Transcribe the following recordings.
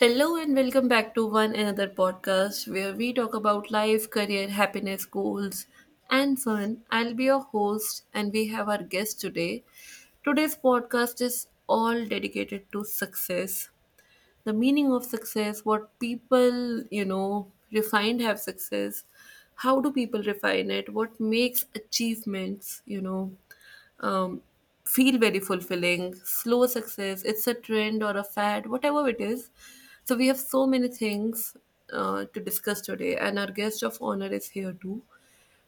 Hello and welcome back to one another podcast where we talk about life, career, happiness, goals, and fun. I'll be your host and we have our guest today. Today's podcast is all dedicated to success, the meaning of success, what people, refined have success, how do people refine it, what makes achievements, um, feel very fulfilling. Slow success, it's a trend or a fad, whatever it is. So we have so many things to discuss today and our guest of honor is here too.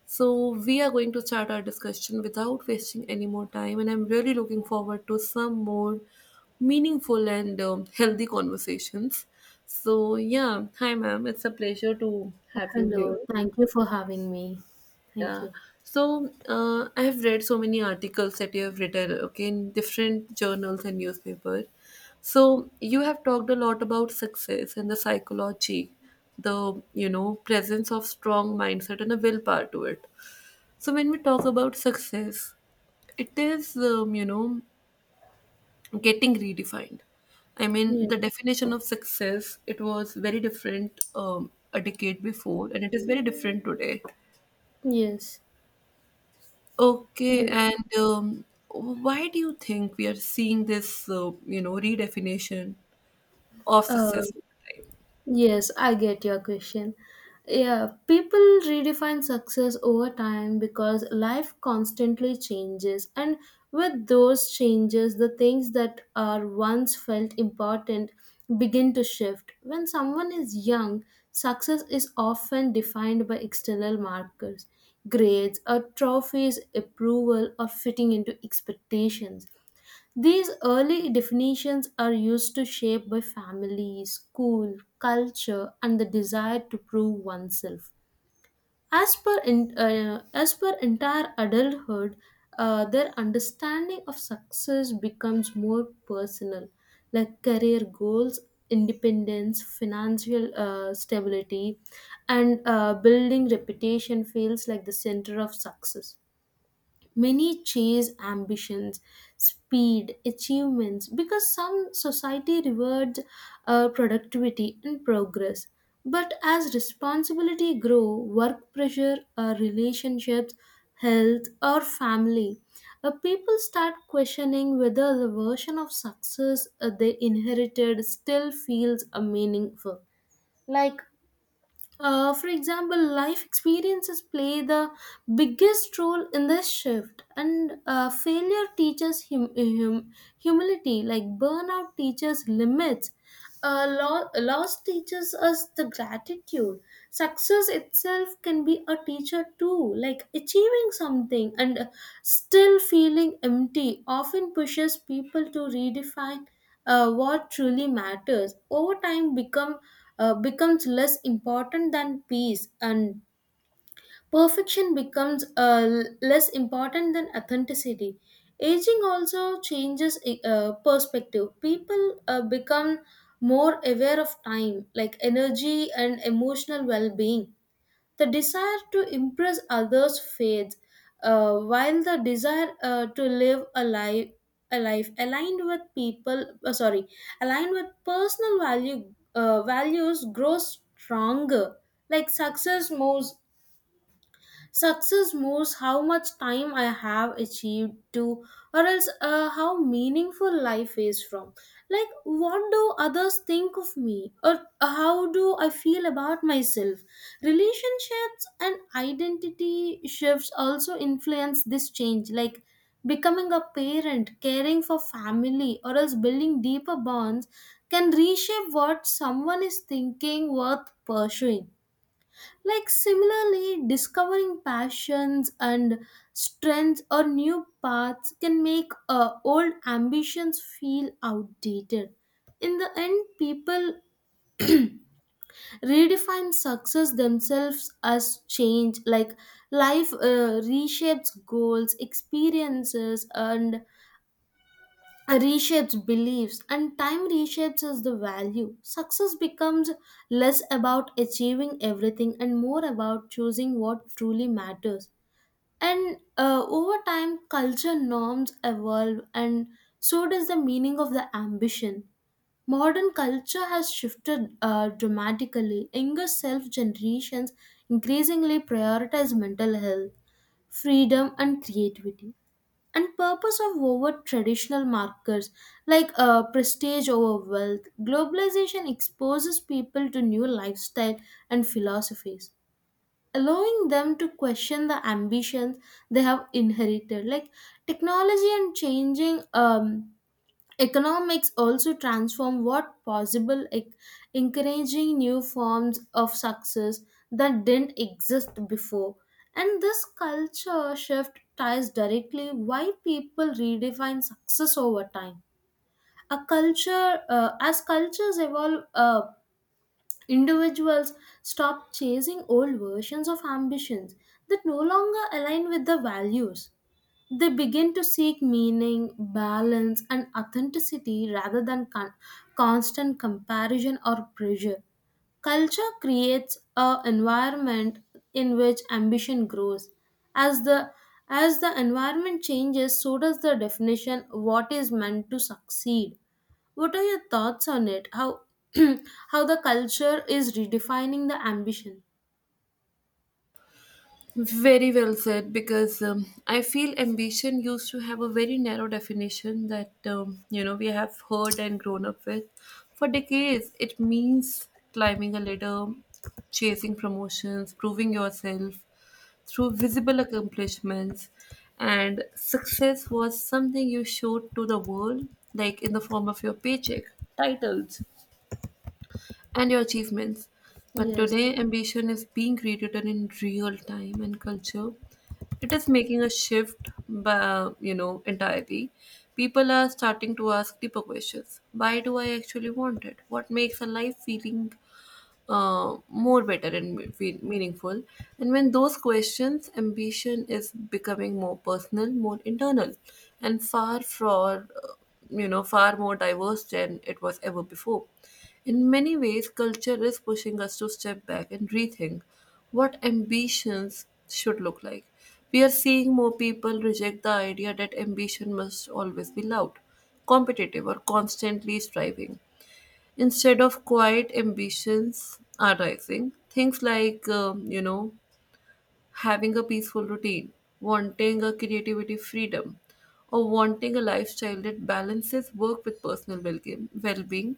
So, we are going to start our discussion without wasting any more time, and I'm really looking forward to some more meaningful and healthy conversations. So, yeah, hi, ma'am. It's a pleasure to have you here. Hello, thank you for having me. Thank Yeah. you. So, I have read so many articles that you have written, okay, in different journals and newspapers. So, you have talked a lot about success and the psychology, the, presence of strong mindset and a willpower to it. So when we talk about success, it is getting redefined. I mean, Yeah. the definition of success, it was very different a decade before, and it is very different today. Yes. Okay, Yeah. and why do you think we are seeing this redefinition of Uh, success? Yes, I get your question. Yeah, people redefine success over time because life constantly changes, and with those changes, the things that are once felt important begin to shift. When someone is young, success is often defined by external markers, grades, or trophies, approval, or fitting into expectations. These early definitions are used to shape by family, school, culture, and the desire to prove oneself. As per entire adulthood, their understanding of success becomes more personal, like career goals, independence, financial stability, and building reputation feels like the center of success. Many chase ambitions, speed, achievements because some society rewards productivity and progress. But as responsibility grow, work pressure, relationships, health, or family, people start questioning whether the version of success they inherited still feels meaningful. Like for example, life experiences play the biggest role in this shift, and failure teaches humility, like burnout teaches limits, loss teaches us the gratitude. Success itself can be a teacher too, like achieving something and still feeling empty often pushes people to redefine what truly matters over time becomes less important than peace, and perfection becomes less important than authenticity. Aging also changes perspective. People become more aware of time, like energy and emotional well-being. The desire to impress others fades, while the desire to live a life aligned with people sorry aligned with personal values grows stronger. like success moves Success moves how much time I have achieved to, or else how meaningful life is from. Like, what do others think of me, or how do I feel about myself? Relationships and identity shifts also influence this change, like becoming a parent, caring for family, or else building deeper bonds can reshape what someone is thinking worth pursuing. Like similarly, discovering passions and strengths or new paths can make old ambitions feel outdated. In the end, people redefine success themselves as change. Like life reshapes goals, experiences, and reshapes beliefs, and time reshapes as the value. Success becomes less about achieving everything and more about choosing what truly matters. And over time, culture norms evolve, and so does the meaning of the ambition. Modern culture has shifted dramatically. Younger self generations increasingly prioritize mental health, freedom, and creativity, and purpose of over traditional markers like prestige over wealth. Globalization exposes people to new lifestyle and philosophies, allowing them to question the ambitions they have inherited. Like technology and changing economics also transform what possible, like encouraging new forms of success that didn't exist before. And this culture shift ties directly why people redefine success over time. A culture uh, as cultures evolve, individuals stop chasing old versions of ambitions that no longer align with their values. They begin to seek meaning, balance, and authenticity rather than constant comparison or pressure. Culture creates an environment in which ambition grows. As the as the environment changes, so does the definition what is meant to succeed. What are your thoughts on it? How how the culture is redefining the ambition? Very well said, because I feel ambition used to have a very narrow definition that, we have heard and grown up with. For decades, it means climbing a ladder, chasing promotions, proving yourself through visible accomplishments, and success was something you showed to the world, like in the form of your paycheck, titles, and your achievements. But Yes. today, ambition is being rewritten in real time and culture. It is making a shift, entirely. People are starting to ask deeper questions. Why do I actually want it? What makes a life feeling more better and feel meaningful. And when those questions, ambition is becoming more personal, more internal, and far for you know far more diverse than it was ever before. In many ways, culture is pushing us to step back and rethink what ambitions should look like. We are seeing more people reject the idea that ambition must always be loud, competitive, or constantly striving. Instead of quiet ambitions are rising, things like, having a peaceful routine, wanting a creativity freedom, or wanting a lifestyle that balances work with personal well-being.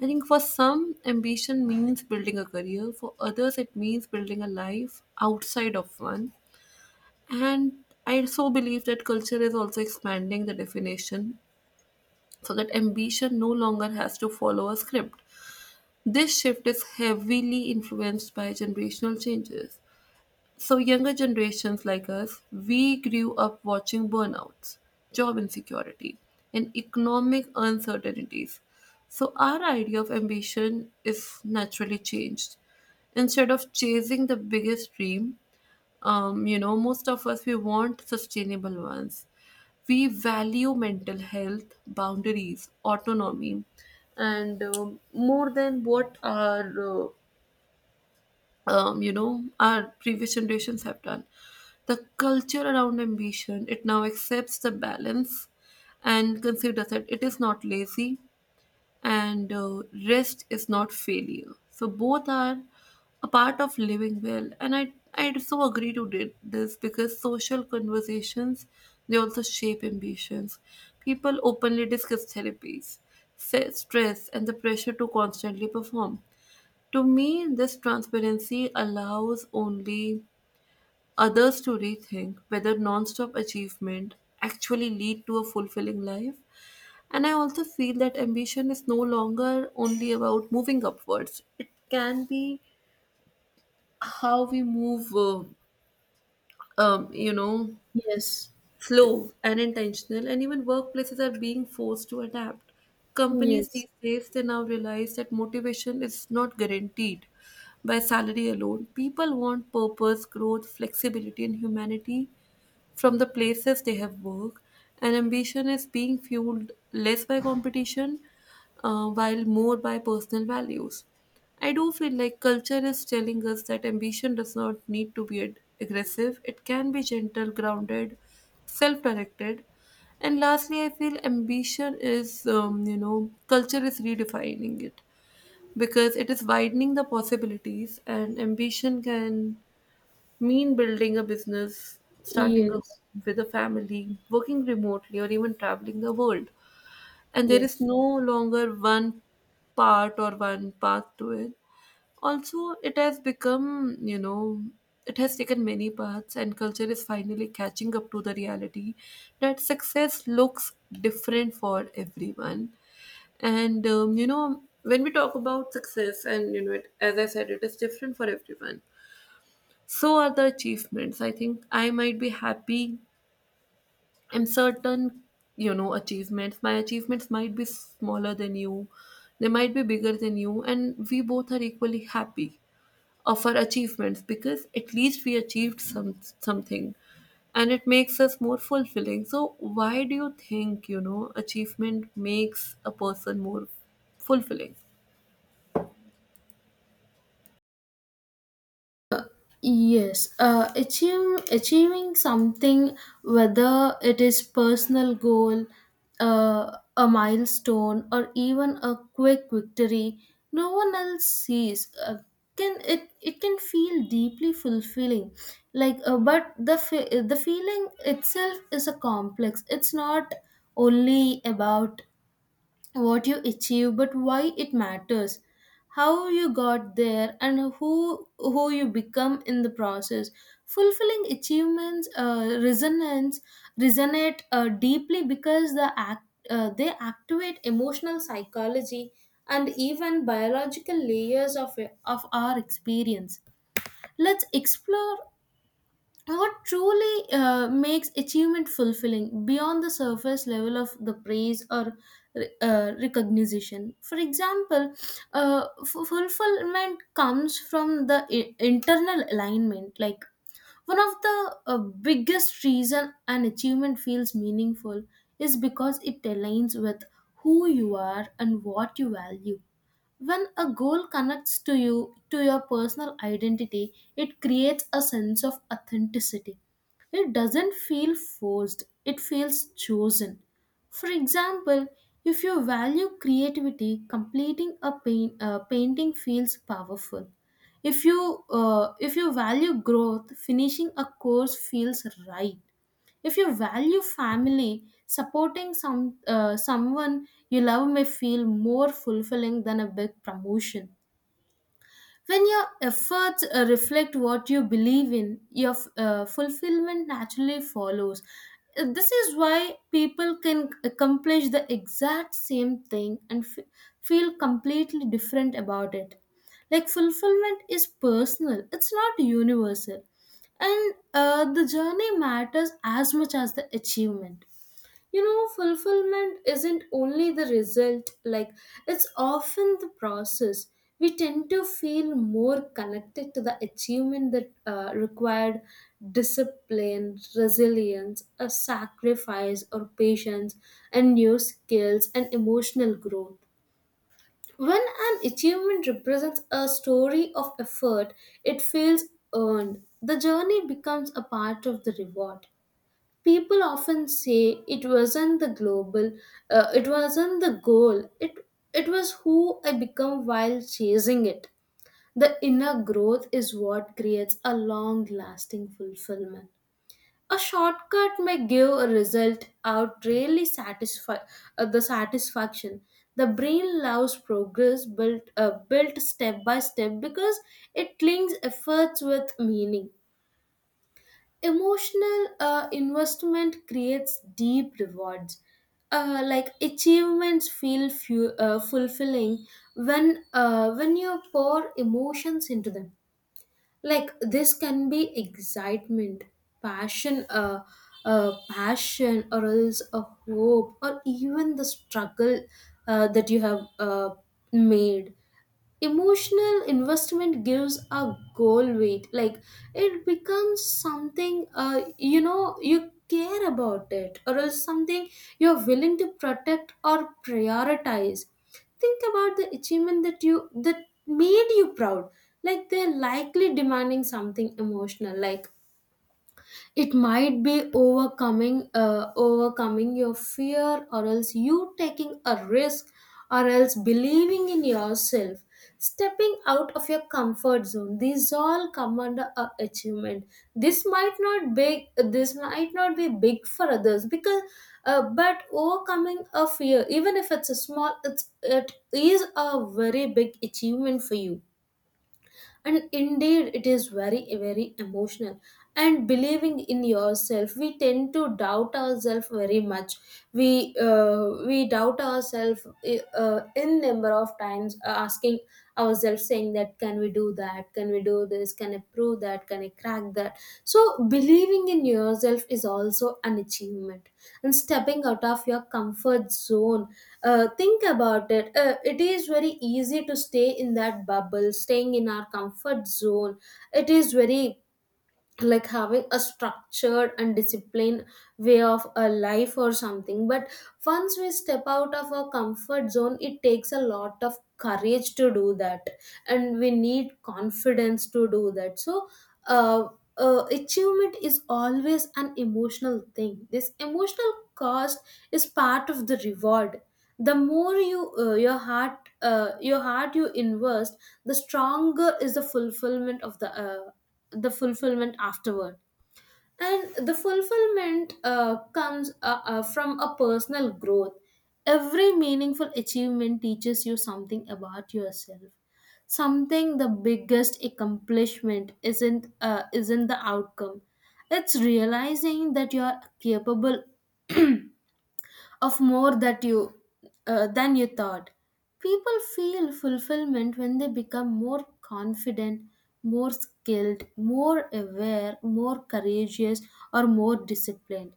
I think for some, ambition means building a career. For others, it means building a life outside of one. And I so believe that culture is also expanding the definition so that ambition no longer has to follow a script. This shift is heavily influenced by generational changes. So, younger generations like us, we grew up watching burnouts, job insecurity, and economic uncertainties. So, our idea of ambition is naturally changed. Instead of chasing the biggest dream, most of us, we want sustainable ones. We value mental health, boundaries, autonomy, and more than what our our previous generations have done. The culture around ambition, it now accepts the balance and considers that it is not lazy, and rest is not failure. So both are a part of living well, and I so agree to this, because social conversations, they also shape ambitions. People openly discuss therapies, stress, and the pressure to constantly perform. To me, this transparency allows only others to rethink whether non-stop achievement actually lead to a fulfilling life. And I also feel that ambition is no longer only about moving upwards. It can be how we move, um, you know, Yes. slow and intentional. And even workplaces are being forced to adapt. Companies Yes. these days, they now realize that motivation is not guaranteed by salary alone. People want purpose, growth, flexibility, and humanity from the places they have worked, and ambition is being fueled less by competition while more by personal values. I do feel like culture is telling us that ambition does not need to be aggressive. It can be gentle, grounded, self directed. And lastly, I feel ambition is, culture is redefining it because it is widening the possibilities, and ambition can mean building a business, starting a home Yes. with a family, working remotely, or even traveling the world. And there Yes. is no longer one part or one path to it. Also, it has become, it has taken many paths, and culture is finally catching up to the reality that success looks different for everyone. And, when we talk about success, and, it, as I said, it is different for everyone, so are the achievements. I think I might be happy in certain, achievements. My achievements might be smaller than you, they might be bigger than you, and we both are equally happy of our achievements because at least we achieved something, and it makes us more fulfilling. So why do you think, achievement makes a person more fulfilling? Uh, Achieving something, whether it is personal goal, a milestone, or even a quick victory, no one else sees. Can it It can feel deeply fulfilling, but the feeling itself is a complex. It's not only about what you achieve, but why it matters, how you got there, and who you become in the process. Fulfilling achievements resonance resonate deeply because they activate emotional, psychology, and even biological layers of our experience. Let's explore what truly makes achievement fulfilling beyond the surface level of the praise or recognition. For example, fulfillment comes from the internal alignment. Like, one of the biggest reason an achievement feels meaningful is because it aligns with who you are and what you value. When a goal connects to you to your personal identity, it creates a sense of authenticity. It doesn't feel forced, it feels chosen. For example, if you value creativity, completing a painting feels powerful. If you value growth, finishing a course feels right. If you value family, supporting someone you love may feel more fulfilling than a big promotion. When your efforts reflect what you believe in, your fulfillment naturally follows. This is why people can accomplish the exact same thing and feel completely different about it. Like, fulfillment is personal, it's not universal. And the journey matters as much as the achievement. You know, fulfillment isn't only the result, like, it's often the process. We tend to feel more connected to the achievement that required discipline, resilience, a sacrifice, or patience, and new skills and emotional growth. When an achievement represents a story of effort, it feels earned. The journey becomes a part of the reward. People often say it wasn't the global it wasn't the goal, it was who I become while chasing it. The inner growth is what creates a long lasting fulfillment. A shortcut may give a result out really satisfy the satisfaction. The brain loves progress built step by step, because it links efforts with meaning. Emotional investment creates deep rewards. Like achievements feel fulfilling when you pour emotions into them. Like this can be excitement, passion, uh, passion, or else a hope, or even the struggle that you have made. Emotional investment gives a goal weight. Like it becomes something, you know, you care about it, or else something you're willing to protect or prioritize. Think about the achievement that you that made you proud. Like they're likely demanding something emotional, like it might be overcoming your fear, or else you taking a risk, or else believing in yourself, stepping out of your comfort zone. These all come under a achievement. This might not be big for others because but overcoming a fear, even if it's a small, it is a very big achievement for you, and indeed it is very very emotional. And believing in yourself, we tend to doubt ourselves very much. We doubt ourselves in number of times, asking ourselves, saying that, can we do that, can we do this, can I prove that, can I crack that? So believing in yourself is also an achievement, and stepping out of your comfort zone. Think about it. It is very easy to stay in that bubble, staying in our comfort zone. It is very like having a structured and disciplined way of a life or something, but once we step out of our comfort zone, it takes a lot of courage to do that, and we need confidence to do that. So uh, uh, achievement is always an emotional thing. This emotional cost is part of the reward. The more you your heart you invest, the stronger is the fulfillment of the fulfillment afterward. And the fulfillment comes from a personal growth. Every meaningful achievement teaches you something about yourself. Something, the biggest accomplishment isn't the outcome. It's realizing that you are capable of more that you than you thought. People feel fulfillment when they become more confident, more skilled, more aware, more courageous, or more disciplined.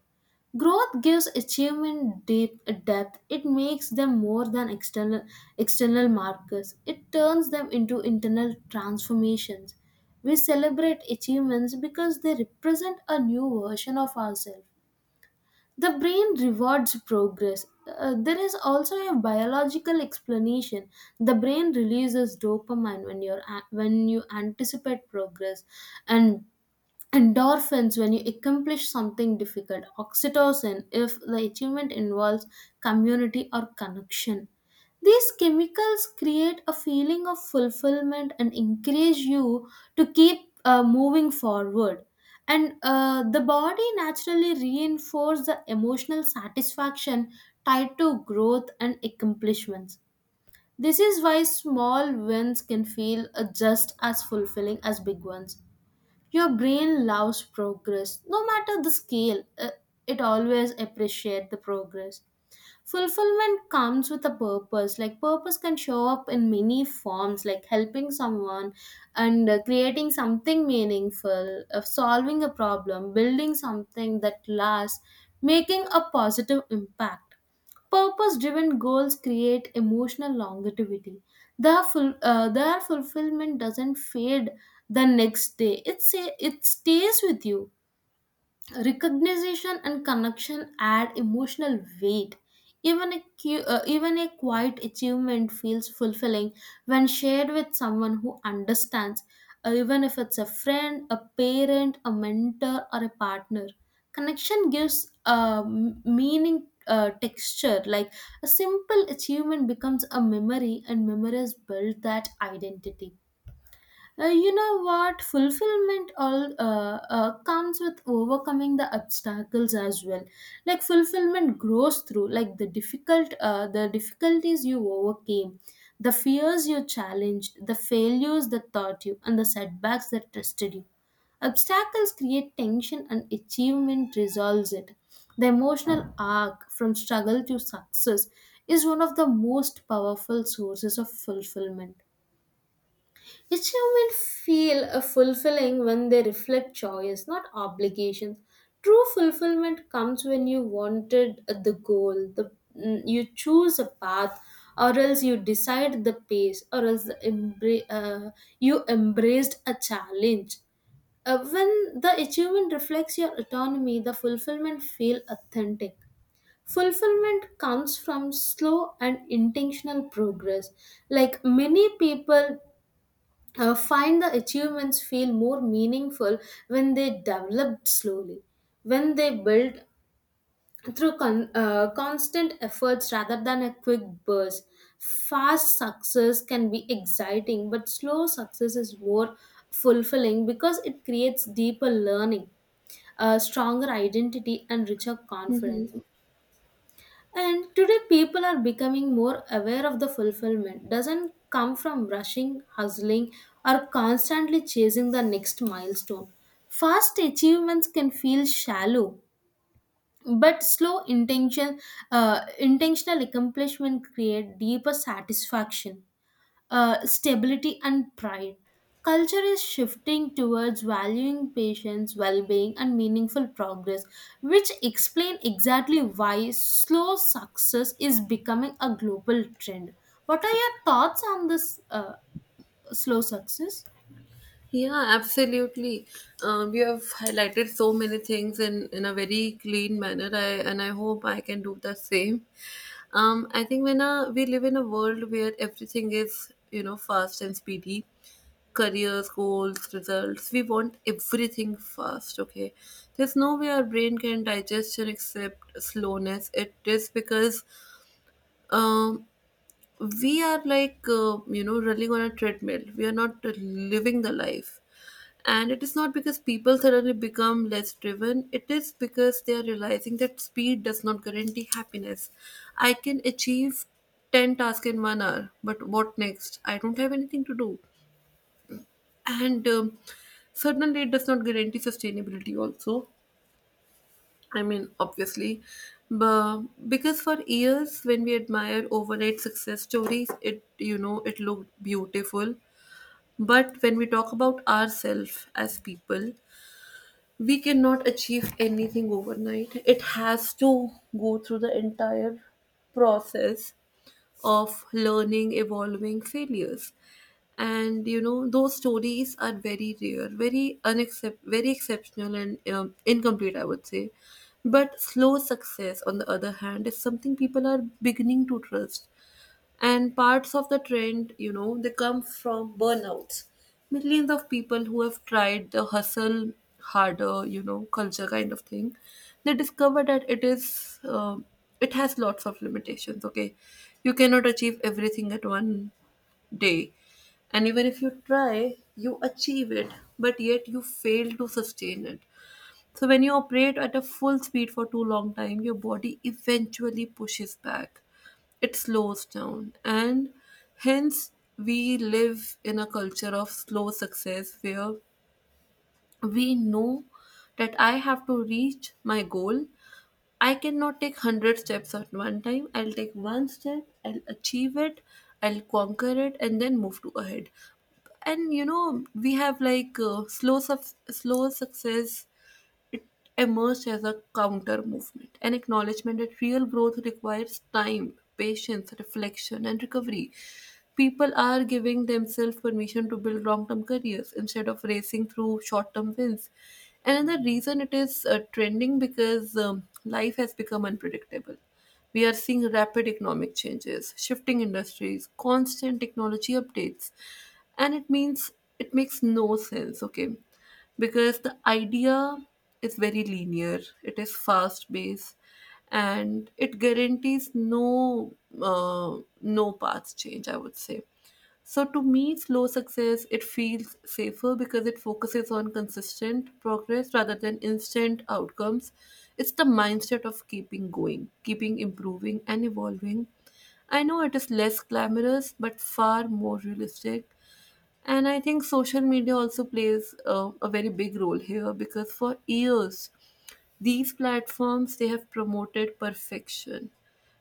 Growth gives achievement deep depth. It makes them more than external markers. It turns them into internal transformations. We celebrate achievements because they represent a new version of ourselves. The brain rewards progress. There is also a biological explanation. The brain releases dopamine when you anticipate progress, and endorphins when you accomplish something difficult, oxytocin if the achievement involves community or connection. These chemicals create a feeling of fulfillment and encourage you to keep moving forward. And the body naturally reinforces the emotional satisfaction tied to growth and accomplishments. This is why small wins can feel just as fulfilling as big ones. Your brain loves progress, no matter the scale. It always appreciates the progress. Fulfillment comes with a purpose. Like, purpose can show up in many forms, like helping someone, and creating something meaningful, of solving a problem, building something that lasts, making a positive impact. Purpose driven goals create emotional longevity. Their fulfillment doesn't fade the next day. It stays with you. Recognition and connection add emotional weight. Even a even a quiet achievement feels fulfilling when shared with someone who understands, even if it's a friend, a parent, a mentor, or a partner. Connection gives meaning texture. Like a simple achievement becomes a memory, and memories build that identity. You know what? Fulfillment all comes with overcoming the obstacles as well. Like fulfillment grows through, like, the difficulties you overcame, the fears you challenged, the failures that taught you, and the setbacks that tested you. Obstacles create tension, and achievement resolves it. The emotional arc from struggle to success is one of the most powerful sources of fulfillment. Achievement human feel a fulfilling when they reflect choice, not obligations. True fulfillment comes when you wanted the goal, you choose a path, or else you decide the pace, or else you embraced a challenge. When the achievement reflects your autonomy, the fulfillment feel authentic. Fulfillment comes from slow and intentional progress. Like many people find the achievements feel more meaningful when they developed slowly, when they build through constant efforts rather than a quick burst. Fast success can be exciting, but slow success is more fulfilling because it creates deeper learning, a stronger identity, and richer confidence. And today, people are becoming more aware of the fulfillment doesn't come from rushing, hustling, or constantly chasing the next milestone. Fast achievements can feel shallow, but intentional accomplishment create deeper satisfaction, stability, and pride. Culture is shifting towards valuing patience, well being, and meaningful progress, which explain exactly why slow success is becoming a global trend. What are your thoughts on this slow success? Yeah, absolutely. You have highlighted so many things in a very clean manner. I hope I can do the same. I think when, we live in a world where everything is, fast and speedy, careers, goals, results, we want everything fast. Okay, there's no way our brain can digest and accept slowness. It is because um, we are like running on a treadmill. We are not living the life, and it is not because people suddenly become less driven, it is because they are realizing that speed does not guarantee happiness. I can achieve 10 tasks in 1 hour, but what next? I don't have anything to do. And certainly, it does not guarantee sustainability, also. I mean, obviously. But because for years, when we admire overnight success stories, it, it looked beautiful. But when we talk about ourselves as people, we cannot achieve anything overnight. It has to go through the entire process of learning, evolving, failures. And you know, those stories are very rare, very unaccept, very exceptional and incomplete, I would say. But slow success, on the other hand, is something people are beginning to trust, and parts of the trend, they come from burnouts. Millions of people who have tried the hustle harder, culture kind of thing, they discover that it is it has lots of limitations. Okay, you cannot achieve everything at 1 day, and even if you try, you achieve it, but yet you fail to sustain it. So when you operate at a full speed for too long time, your body eventually pushes back, it slows down, and hence we live in a culture of slow success where we know that I have to reach my goal. I cannot take 100 steps at one time. I'll take one step, I'll achieve it, I'll conquer it, and then move to ahead. And you know, we have like slow success emerged as a counter movement, an acknowledgement that real growth requires time, patience, reflection, and recovery. People are giving themselves permission to build long term careers instead of racing through short term wins. Another reason it is trending because life has become unpredictable. We are seeing rapid economic changes, shifting industries, constant technology updates, and it means, it makes no sense, okay? Because the idea is very linear, it is fast based, and it guarantees no no path change, I would say. So to me, slow success, it feels safer because it focuses on consistent progress rather than instant outcomes. It's the mindset of keeping going, keeping improving and evolving. I know it is less glamorous but far more realistic. And I think social media also plays a very big role here, because for years, these platforms, they have promoted perfection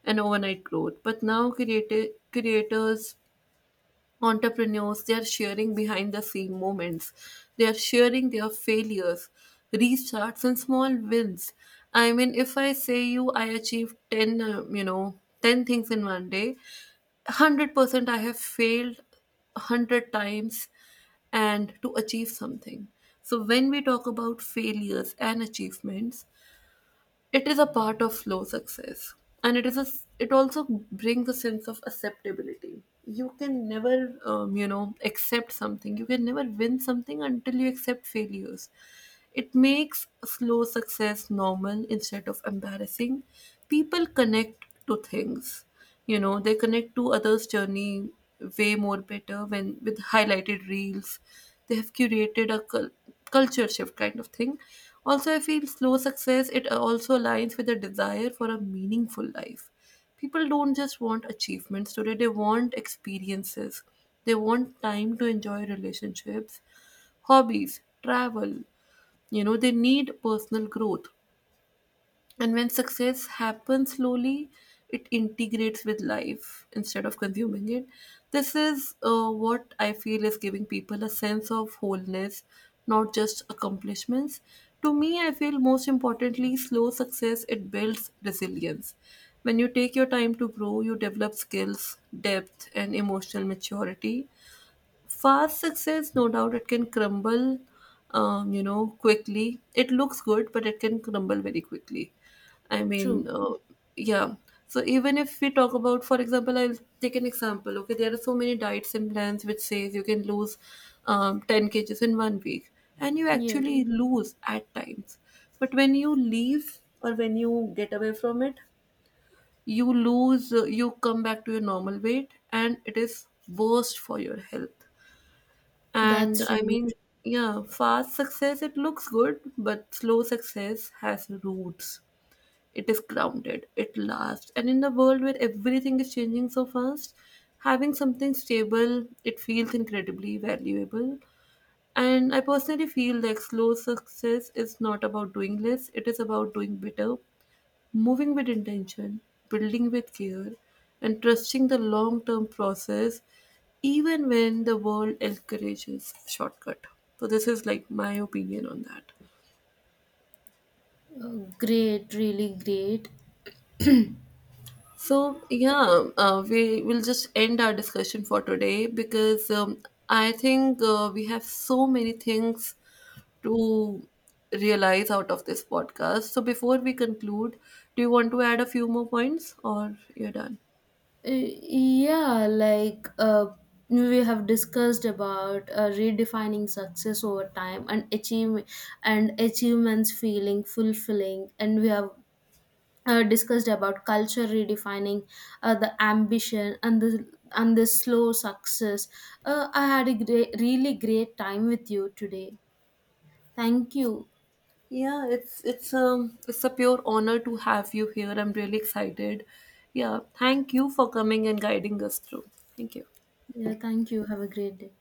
and overnight growth. But now creators, entrepreneurs, they are sharing behind the scene moments. They are sharing their failures, restarts and small wins. I mean, if I say you, I achieved 10 10 things in 1 day, 100% I have failed 100 times and to achieve something. So when we talk about failures and achievements, it is a part of slow success, and it is a it also brings a sense of acceptability. You can never, accept something, you can never win something until you accept failures. It makes slow success normal instead of embarrassing. People connect to things, they connect to others' journey way more better when with highlighted reels. They have curated a culture shift kind of thing. Also, I feel slow success, it also aligns with a desire for a meaningful life. People don't just want achievements today, they want experiences. They want time to enjoy relationships, hobbies, travel. You know, they need personal growth. And when success happens slowly, it integrates with life instead of consuming it. This is what I feel is giving people a sense of wholeness, not just accomplishments. To me, I feel most importantly, slow success, it builds resilience. When you take your time to grow, you develop skills, depth, and emotional maturity. Fast success, no doubt it can crumble, quickly. It looks good, but it can crumble very quickly. i mean True. uh, yeah. So even if we talk about, for example, I'll take an example. Okay, there are so many diets and plans which says you can lose 10 kg kgs in 1 week, and you Yes, actually lose at times, but when you leave or when you get away from it, you lose you come back to your normal weight, and it is worst for your health. And that's I really mean, yeah, fast success, it looks good, but slow success has roots. It is grounded, it lasts. And in the world where everything is changing so fast, having something stable, it feels incredibly valuable. And I personally feel like slow success is not about doing less, it is about doing better. Moving with intention, building with care, and trusting the long term process, even when the world encourages shortcut. So, this is like my opinion on that. Great. So, yeah, we will just end our discussion for today because I think we have so many things to realize out of this podcast. So, before we conclude, do you want to add a few more points or you're done? Yeah, we have discussed about redefining success over time and achievements feeling fulfilling, and we have discussed about culture redefining the ambition and the slow success. I had a great time with you today. Thank you. Yeah, it's it's a pure honor to have you here. I'm really excited. Yeah, thank you for coming and guiding us through. Thank you. Yeah, thank you. Have a great day.